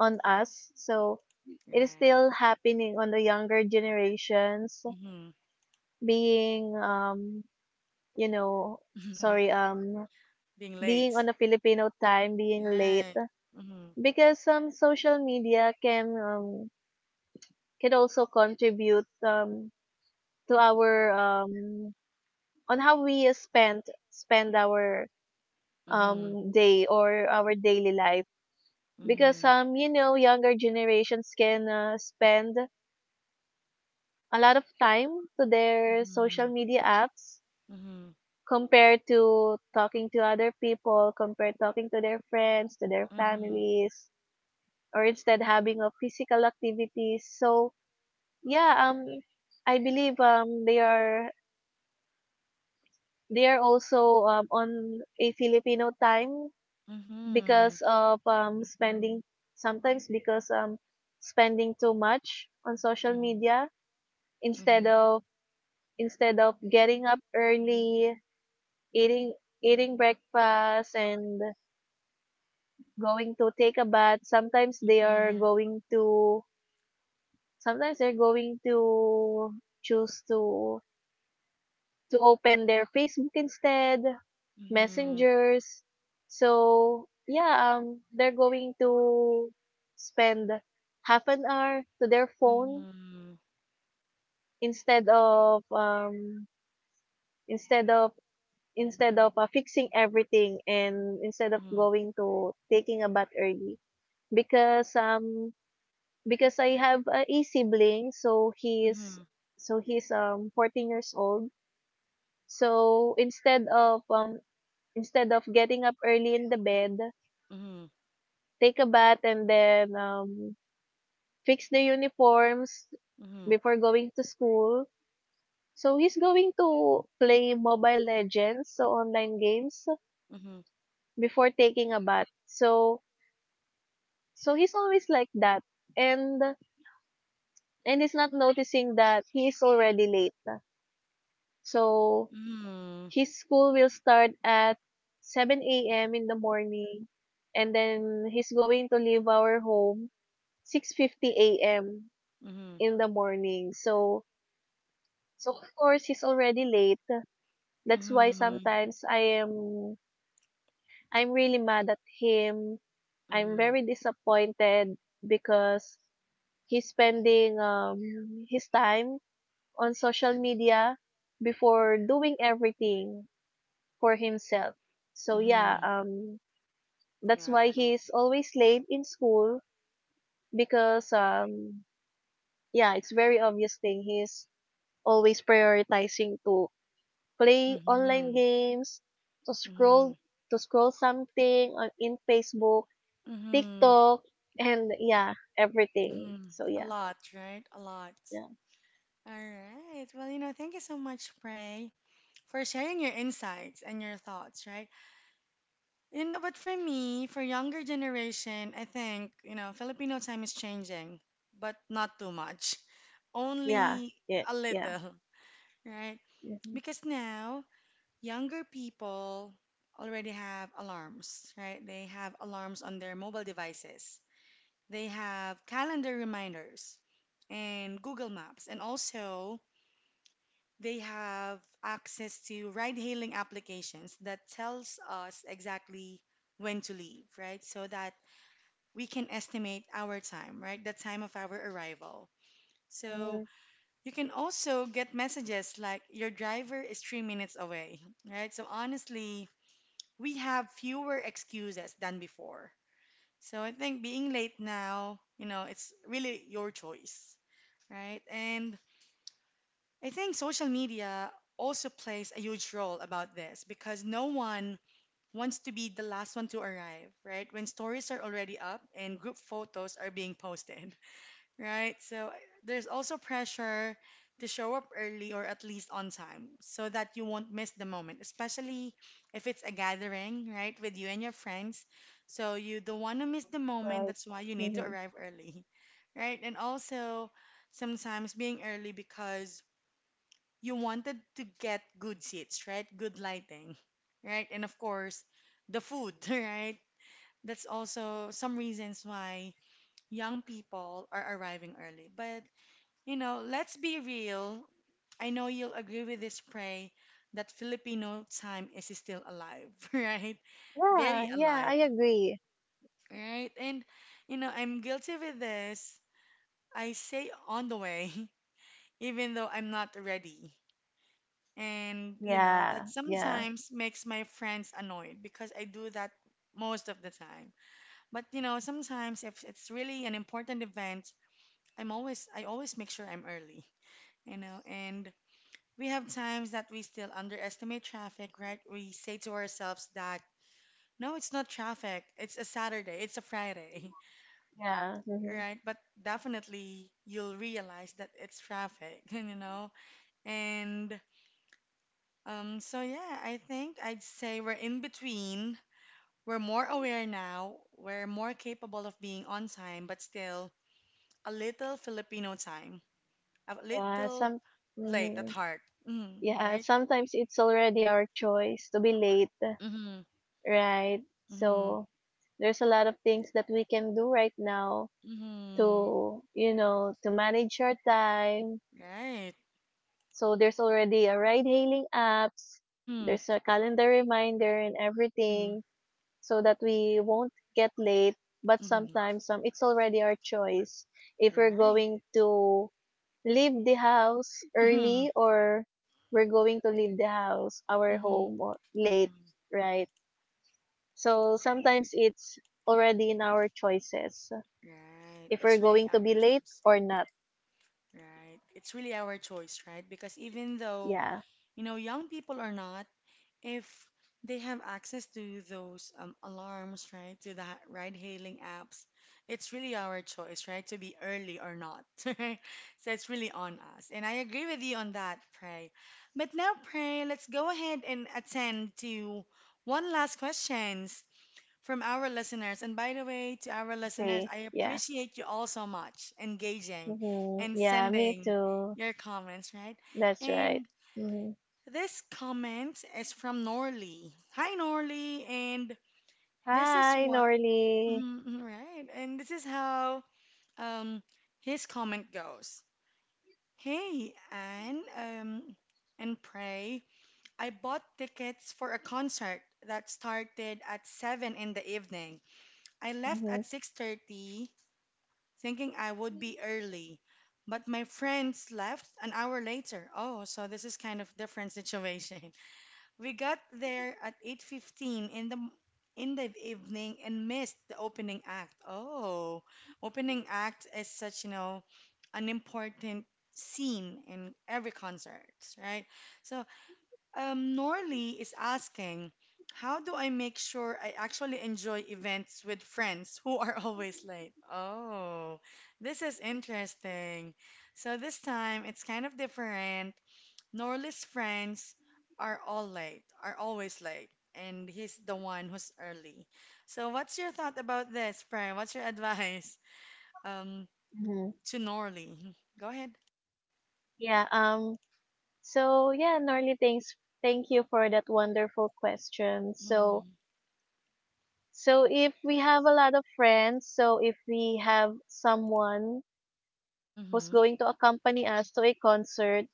on us. So it is
Right.
still happening on the younger generations
Mm-hmm.
being, um, you know, sorry, um,
Being late.
being on the Filipino time, being late,
Right. Mm-hmm.
because some social media can, um, can also contribute, um, to our, um, on how we spend, spend our,
Mm-hmm.
um, day or our daily life, because,
Mm-hmm.
some you know, younger generations can, uh, spend a lot of time to their social media apps,
Mm-hmm.
compared to talking to other people, compared talking to their friends, to their
Mm-hmm.
families, or instead having a physical activities. So yeah, um, I believe um they are they are also um, on a Filipino time,
Mm-hmm.
because of um spending sometimes, because um spending too much on social
Mm-hmm.
media, instead
Mm-hmm.
of instead of getting up early, eating eating breakfast, and going to take a bath. Sometimes they
Mm-hmm.
are
Mm-hmm.
going to sometimes they're going to choose to to open their Facebook instead, messengers. So yeah, um they're going to spend half an hour to their
Mm-hmm.
phone,
Mm-hmm.
instead of um instead of instead of uh, fixing everything, and instead of
Mm-hmm. Mm-hmm.
going to taking a bath early, because um because I have a e sibling, so he's
Mm-hmm.
so he's um fourteen years old, so instead of um instead of getting up early in the bed,
Mm-hmm. Mm-hmm.
take a bath, and then um fix the uniforms
Mm-hmm.
before going to school, so he's going to play mobile legends, so online games,
Mm-hmm.
before taking a bath. So so he's always like that, and and he's not noticing that he's already late. So his school will start at seven a m in the morning, and then he's going to leave our home six fifty a m
Mm-hmm.
in the morning. So, so of course he's already late. That's why sometimes I am I'm really mad at him. I'm
Mm-hmm.
very disappointed because he's spending um his time on social media before doing everything for himself. So yeah,
Mm-hmm.
um, that's why
Wow.
he's always late in school, because um, yeah, it's very obvious thing. He's always prioritizing to play online
Mm-hmm.
games, to
Mm-hmm.
scroll to scroll something on in Facebook,
Mm-hmm.
TikTok, and yeah, everything.
Mm-hmm.
So
A
yeah,
lot, right? A lot.
yeah,
All right. Well, you know, thank you so much, Pray, for sharing your insights and your thoughts, right? You know, but for me, for younger generation, I think, you know, Filipino time is changing, but not too much.
yeah,
Only
yeah,
a
yeah.
little, right?
Mhm.
Because now, younger people already have alarms, right? They have alarms on their mobile devices. They have calendar reminders and Google Maps, and also they have access to ride-hailing applications that tells us exactly when to leave, right? So that we can estimate our time, right? The time of our arrival. So
Mhm.
you can also get messages like your driver is three minutes away, right? So honestly, we have fewer excuses than before. So I think being late now, you know, it's really your choice, right? And I think social media also plays a huge role about this because no one wants to be the last one to arrive, right? When stories are already up and group photos are being posted, right? So there's also pressure to show up early or at least on time so that you won't miss the moment, especially if it's a gathering, right, with you and your friends. So you don't want to miss the moment,
Right.
that's why you need to
Mhm.
arrive early, right? And also sometimes being early because you wanted to get good seats, right? Good lighting, right? And of course, the food, right? That's also some reasons why young people are arriving early. But, you know, let's be real. I know you'll agree with this, Pray, that Filipino time is still alive, right?
Yeah,
Very
yeah,
alive,
I agree.
right? And, you know, I'm guilty with this. I say on the way, even though I'm not ready. And, you know,
Yeah,
that
yeah,
sometimes makes my friends annoyed because I do that most of the time. But, you know, sometimes if it's really an important event, I'm always I always make sure I'm early, you know. And we have times that we still underestimate traffic, right? We say to ourselves that no, it's not traffic. It's a Saturday. It's a Friday,
yeah. Mhm.
right? But definitely you'll realize that it's traffic, you know. And Um, so yeah, I think I'd say we're in between. We're more aware now. We're more capable of being on time, but still a little Filipino time, a
Yeah,
little
some
late at
mm,
heart. Mm,
yeah,
right?
sometimes it's already our choice to be late,
Mm-hmm.
right?
Mm-hmm.
So there's a lot of things that we can do right now
Mm-hmm.
to, you know, to manage our time.
Right.
So there's already a ride hailing apps,
Mm-hmm.
there's a calendar reminder and
Mm-hmm.
everything, so that we won't get late. But
Mm-hmm.
sometimes um, it's already our choice if we're
Right.
going to leave the house
Mm-hmm.
early, or we're going to leave the house, our
Mm-hmm.
home or late,
Mm-hmm.
right? So sometimes it's already in our choices
Right.
if we're
It's really
going to be
our
late
choice.
or not.
Right. It's really our choice, right? Because even though,
Yeah.
you know, young people are not. If they have access to those um, alarms, right, to the ride-hailing apps, it's really our choice, right, to be early or not, right? So it's really on us. And I agree with you on that, Pray. But now, Pray, let's go ahead and attend to one last questions from our listeners. And by the way, to our listeners,
Okay.
I
Yeah.
appreciate you all so much engaging
Hmm.
and
Yeah, me
sending
too.
your comments, right?
That's right.
And
Hmm.
this comment is from Norley. Hi, Norley, and this is
Hi,
what,
Norly.
mhm, mhm, right? And this is how um his comment goes. Hey, Anne, um, and Pray. I bought tickets for a concert that started at seven in the evening. I left
Hmm.
at six thirty, thinking I would be early, but my friends left an hour later. Oh, so this is kind of different situation. We got there at eight fifteen in the in the evening and missed the opening act. Oh, opening act is such, you know, an important scene in every concert, right? So, um, Norley is asking, how do I make sure I actually enjoy events with friends who are always late? Oh, this is interesting. So this time it's kind of different. Norley's friends are all late, are always late, and he's the one who's early. So what's your thought about this, Prem? What's your advice um
Hmm.
to Norley? Go ahead.
Yeah, um so yeah, Norly, thanks. Thank you for that wonderful question. So,
Mhm.
So if we have a lot of friends, so if we have someone who's
Mhm.
going to accompany us to a concert,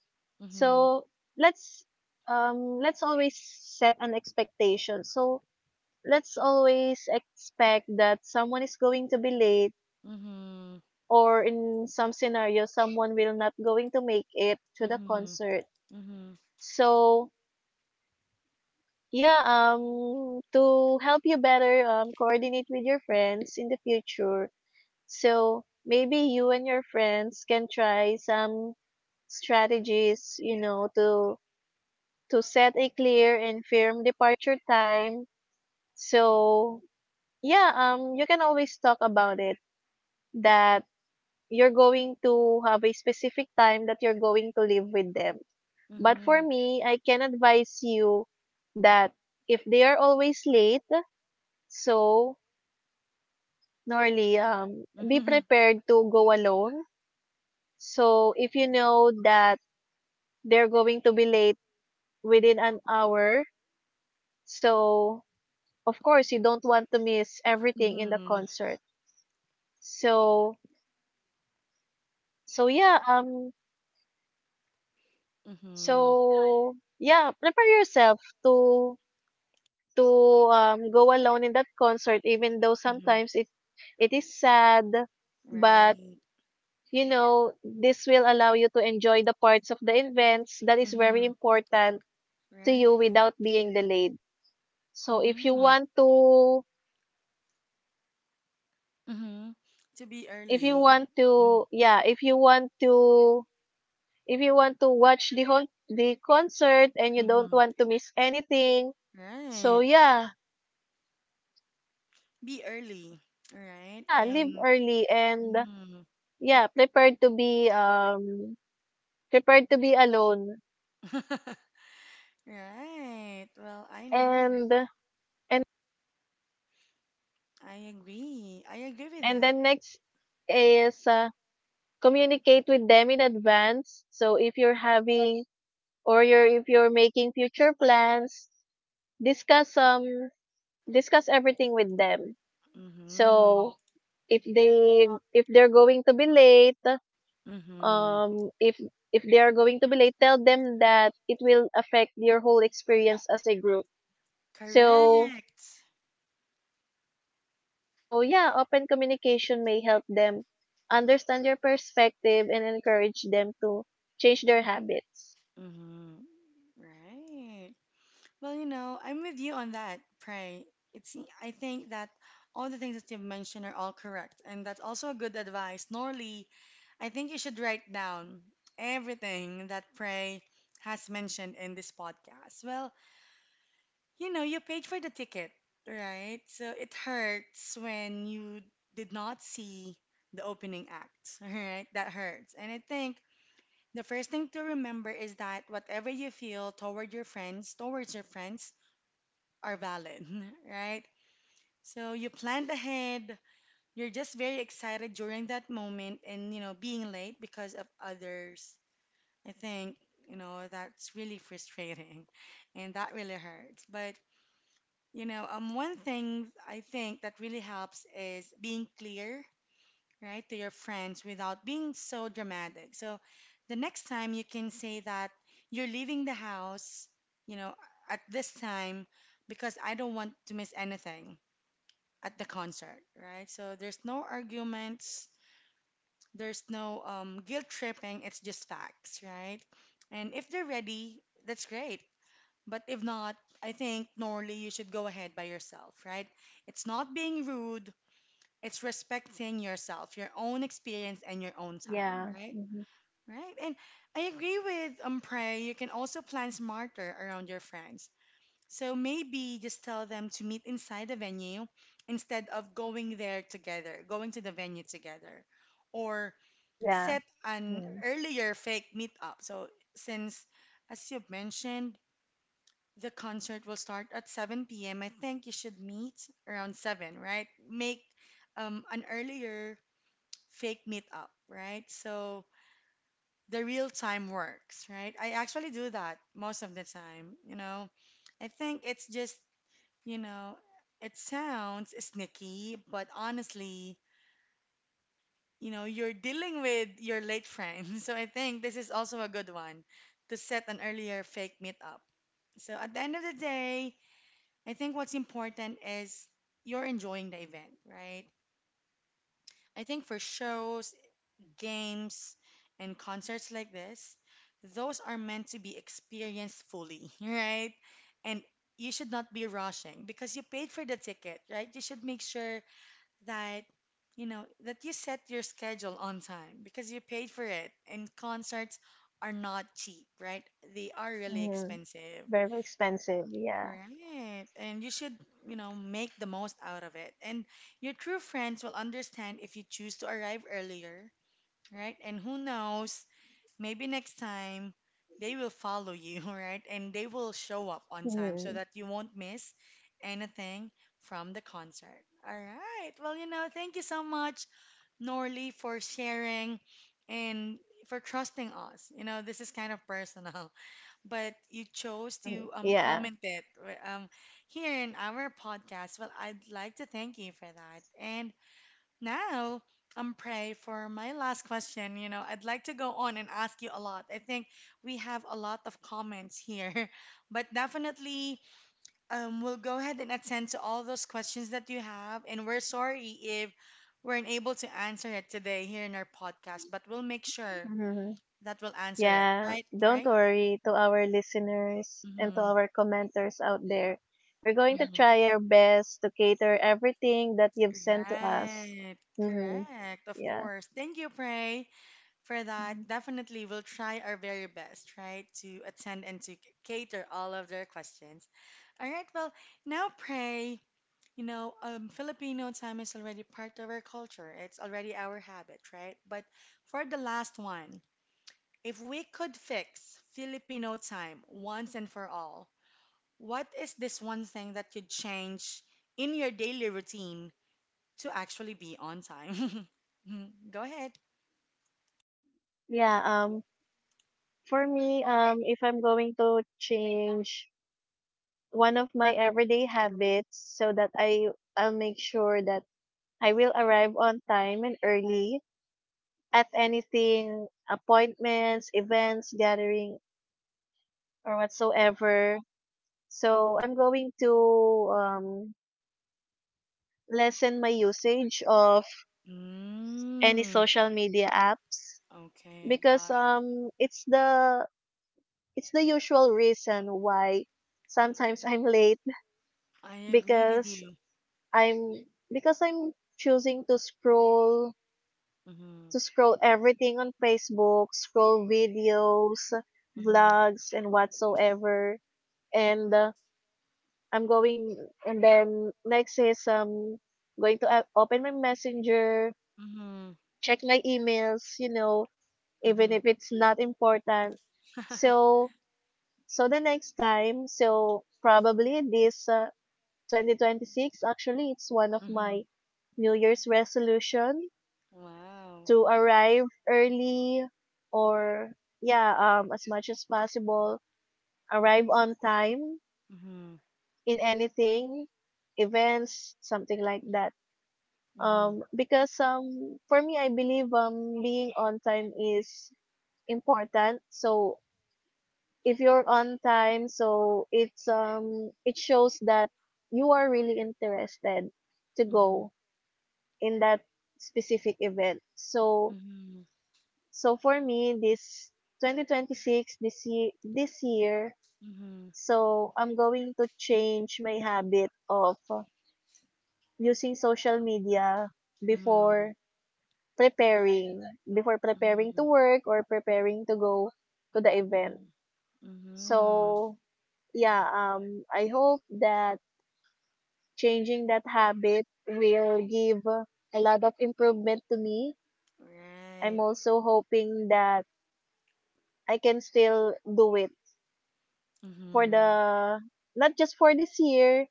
Mhm.
so let's um let's always set an expectation. So let's always expect that someone is going to be late,
Mhm.
or in some scenario someone will not going to make it to the concert.
Mhm.
So yeah, um to help you better um coordinate with your friends in the future. So maybe you and your friends can try some strategies, you know, to to set a clear and firm departure time. So yeah, um you can always talk about it, that you're going to have a specific time that you're going to live with them. But for
Mhm.
me, I can advise you that if they are always late, so normally um
Mhm.
be
Mhm.
prepared to go alone. So if you know that they're going to be late within an hour. So of course, you don't want to miss everything in the
Mhm.
concert. So, so yeah, um,
Mhm.
so yeah, prepare yourself to to um go alone in that concert, even though
Mhm.
sometimes it it is sad, but
Right.
you know this will allow you to enjoy the parts of the events that is very
Mhm.
important to you
Right.
without being delayed. So if you
Mhm.
want to
Mhm. To be
If you
early.
want
Mhm.
to yeah, if you want to if you want to watch the whole the concert and you don't
Mhm.
want to miss anything, so
Right.
yeah,
Be early, right?
yeah, leave
And
early and
mhm.
yeah, prepared to be um prepared to be alone
Right. Well, I know.
and and
I agree. I agree with
and
that.
then next is uh, communicate with them in advance. So if you're having or you're if you're making future plans, discuss um discuss everything with them.
Mm-hmm.
So if they if they're going to be late,
Mm-hmm.
um if if they are going to be late, tell them that it will affect your whole experience as a group. So
Correct.
so yeah, open communication may help them understand your perspective and encourage them to change their habits.
Mm-hmm. Right. Well, you know, I'm with you on that, Pray. It's I think that all the things that you've mentioned are all correct, and that's also a good advice. Normally, I think you should write down everything that Pray has mentioned in this podcast. Well, you know, you paid for the ticket, right? So it hurts when you did not see the opening act, right? That hurts. And I think the first thing to remember is that whatever you feel toward your friends, towards your friends, are valid, right? So you planned ahead, you're just very excited during that moment and, you know, being late because of others. I think, you know, that's really frustrating and that really hurts. But you know, um, one thing I think that really helps is being clear, right, to your friends without being so dramatic. So the next time you can say that you're leaving the house, you know, at this time because I don't want to miss anything at the concert, right? So there's no arguments, there's no um, guilt tripping, it's just facts, right? And if they're ready, that's great. But if not, I think, Norley, you should go ahead by yourself, right? It's not being rude, it's respecting yourself, your own experience, and your own time,
Yeah.
right?
hmm
Right? And I agree with um, Prey, you can also plan smarter around your friends. So maybe just tell them to meet inside the venue instead of going there together, going to the venue together. Or
Yeah.
set an earlier fake meetup. So since, as you've mentioned, the concert will start at seven p m. I think you should meet around seven, right? Make um, an earlier fake meetup, right? So the real time works, right? I actually do that most of the time, you know. I think it's just, you know, it sounds sneaky, but honestly, you know, you're dealing with your late friend, so I think this is also a good one to set an earlier fake meetup. So at the end of the day, I think what's important is you're enjoying the event, right? I think for shows, games, and concerts like this, those are meant to be experienced fully, right? And you should not be rushing because you paid for the ticket, right? You should make sure that you know that you set your schedule on time because you paid for it. And concerts are not cheap, right? They are really
Mm-hmm.
expensive.
Very expensive. Yeah.
Right. And you should, you know, make the most out of it. And your true friends will understand if you choose to arrive earlier, right? And who knows, maybe next time they will follow you, right? And they will show up on time so
Mm-hmm.
that you won't miss anything from the concert. All right. Well, you know, thank you so much, Norley, for sharing and for trusting us. You know, this is kind of personal, but you chose to um,
Yeah.
comment it ri- um, here in our podcast. Well, I'd like to thank you for that. And now I'm Pray for my last question. You know, I'd like to go on and ask you a lot. I think we have a lot of comments here, but definitely um, we'll go ahead and attend to all those questions that you have. And we're sorry if weren't able to answer it today here in our podcast, but we'll make sure
hmm
that we'll answer it,
Yeah,
right,
don't
Pray?
worry, to our listeners and to
Mm-hmm.
our commenters out there. We're going to
Mm-hmm.
try our best to cater everything that you've sent to us.
Right,
Mm-hmm.
correct, of
Yeah.
course. Thank you, Pray, for that.
Mhm.
Definitely, we'll try our very best, right, to attend and to c- cater all of their questions. All right, well, now, Pray, you know, um, Filipino time is already part of our culture, it's already our habit, right? But for the last one, if we could fix Filipino time once and for all, what is this one thing that you'd change in your daily routine to actually be on time? Mm, go ahead.
Yeah, um for me, um if I'm going to change one of my everyday habits so that I I'll make sure that I will arrive on time and early at anything, appointments, events, gathering or whatsoever. So I'm going to um, lessen my usage of any
Mm,
social media apps
okay,
because
got it.
um, it's the it's the usual reason why sometimes I'm late
I agree with
because
you.
I'm because I'm choosing to scroll
Mm-hmm,
to scroll everything on Facebook, scroll videos,
mm-hmm,
vlogs, and whatsoever. And uh, I'm going and then next is um going to uh, open my messenger,
mm-hmm,
check my emails, you know,
mm-hmm,
even if it's not important. So, so the next time, so probably this uh, twenty twenty-six, actually, it's one of
mm-hmm.
my New Year's resolution
Wow.
to arrive early, or yeah, um, as much as possible, arrive on time
Mm-hmm,
in anything, events, something like that.
mm-hmm,
Um, because um, for me, I believe um, being on time is important. So if you're on time, so it's um it shows that you are really interested to
mm-hmm,
go in that specific event. So
mm-hmm,
so for me this twenty twenty-six this year this year
mm-hmm,
so I'm going to change my habit of uh, using social media
mm-hmm, mm-hmm,
before preparing before preparing
mm-hmm.
to work or preparing to go to the event. So yeah, um, I hope that changing that habit will give a lot of improvement to me.
Right.
I'm also hoping that I can still do it for
Mm-hmm.
the, not just for this year,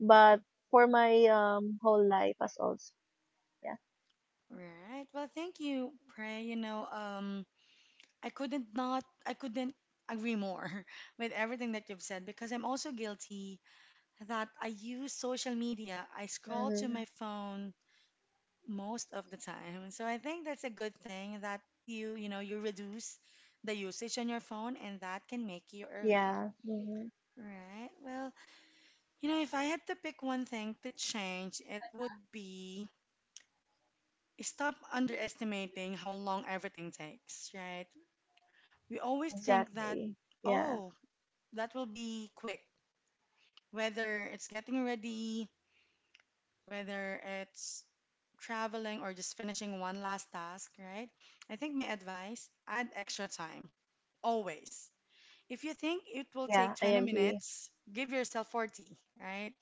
but for my um, whole life as also. Yeah.
Right. Well, thank you, Pray. You know, um, I couldn't not, I couldn't agree more with everything that you've said because I'm also guilty that I use social media. I scroll to
hmm
my phone most of the time. So I think that's a good thing that you, you know, you reduce the usage on your phone and that can make you early.
Yeah. hmm
Right. Well, you know, if I had to pick one thing to change, it would be stop underestimating how long everything takes, right? We always think that,
Exactly. Yeah.
oh, that will be quick, whether it's getting ready, whether it's traveling or just finishing one last task, right? I think my advice, add extra time, always. If you think it will
Yeah,
take
I
twenty
agree.
minutes, give yourself forty, right?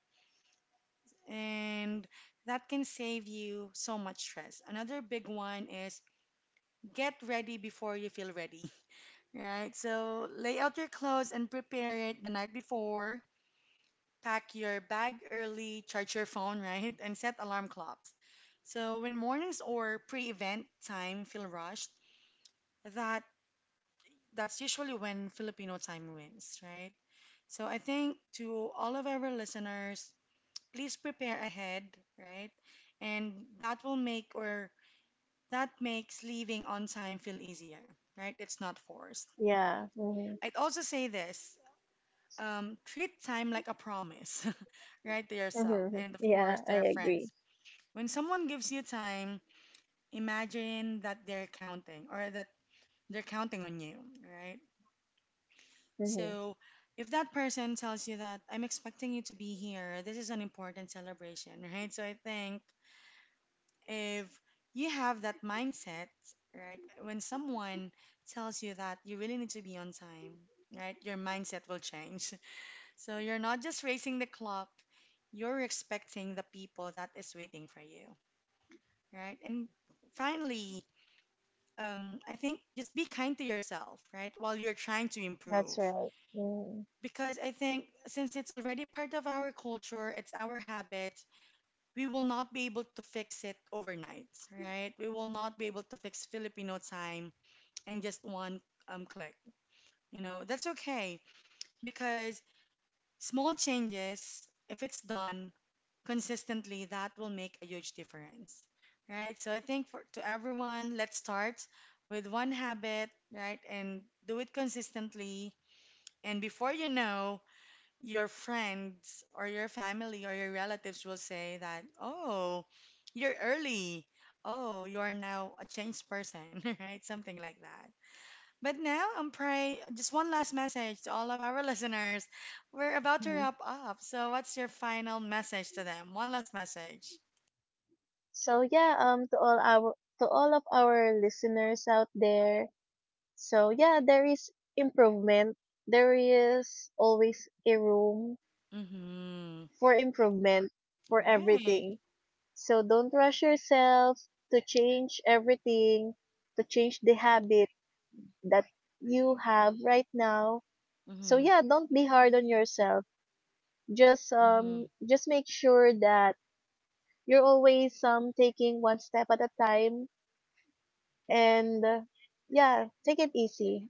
And that can save you so much stress. Another big one is get ready before you feel ready, right? So lay out your clothes and prepare it the night before. Pack your bag early, charge your phone, right? And set alarm clocks. So when mornings or pre-event time feel rushed, that that's usually when Filipino time wins, right? So I think to all of our listeners, please prepare ahead, right? And that will make, or that makes leaving on time feel easier, right? It's not forced.
Yeah. hmm
I'd also say this. Um, treat time like a promise, right, to yourself
hmm
and of
Yeah,
course to
I
your
agree.
friends. When someone gives you time, imagine that they're counting, or that they're counting on you, right?
Hmm
So if that person tells you that I'm expecting you to be here, this is an important celebration, right? So I think if you have that mindset, right, when someone tells you that you really need to be on time, right, your mindset will change. So you're not just racing the clock, you're expecting the people that is waiting for you, right? And finally, um, I think just be kind to yourself, right, while you're trying to
That's
improve.
right. hmm
Because I think since it's already part of our culture, it's our habit, we will not be able to fix it overnight, right? We will not be able to fix Filipino time in just one um, click. You know, that's okay, because small changes, if it's done consistently, that will make a huge difference, right? So I think for to everyone, let's start with one habit, right? And do it consistently. And before you know, your friends or your family or your relatives will say that, "Oh, you're early. Oh, you are now a changed person," right? Something like that. But now I'm pray just one last message to all of our listeners. We're about to
hmm
wrap up. So what's your final message to them? One last message.
So yeah, um to all our to all of our listeners out there. So yeah, there is improvement. There is always a room
Mm-hmm.
for improvement for
Right.
everything. So don't rush yourself to change everything, to change the habit that you have right now. So
Mm-hmm.
yeah, don't be hard on yourself, just um
Mm-hmm.
just make sure that you're always um taking one step at a time, and uh, yeah, take it easy.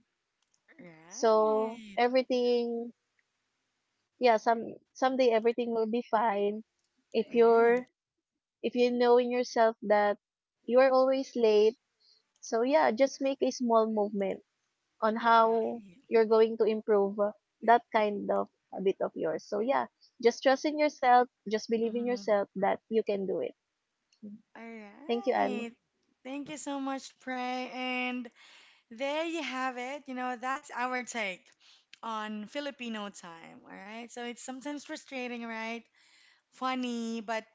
So
Right.
everything, yeah, some someday everything will be fine if
Right.
you're if you know in yourself that you are always late. So yeah, just make a small movement on how
Right.
you're going to improve uh, that kind of habit of yours. So yeah, just trust in yourself, just believe in
Mm-hmm.
yourself that you can do it.
All
Thank you, Anne.
right. Thank you so much, Pray. And there you have it. You know, that's our take on Filipino time. All right. So it's sometimes frustrating, right? Funny, but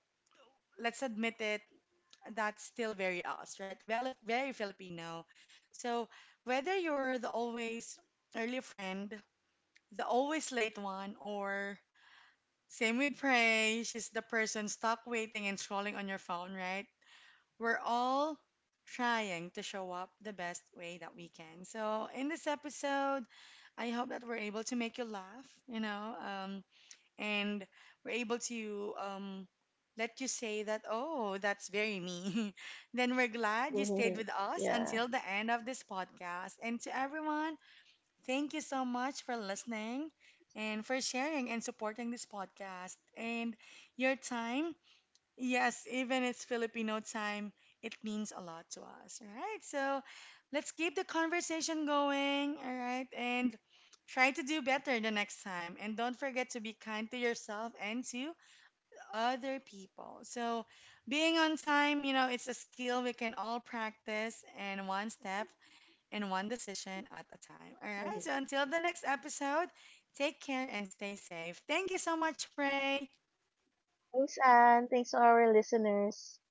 let's admit it, that's still very us, right? Well, if- very Filipino. So whether you're the always early friend, the always late one, or same with Prey, she's the person stuck waiting and scrolling on your phone, right? We're all trying to show up the best way that we can. So in this episode, I hope that we're able to make you laugh, you know, um, and we're able to um, let you say that, oh, that's very me, then we're glad you stayed with us
Yeah.
until the end of this podcast. And to everyone, thank you so much for listening and for sharing and supporting this podcast and your time. Yes, even it's Filipino time, it means a lot to us. All right, so let's keep the conversation going. All right, and try to do better the next time. And don't forget to be kind to yourself and to other people. So, being on time, you know, it's a skill we can all practice, and one step and one decision at a time. All right, so
Mhm.
until the next episode, take care and stay safe. Thank you so much, Pray.
Thanks, Anne. Thanks to our listeners.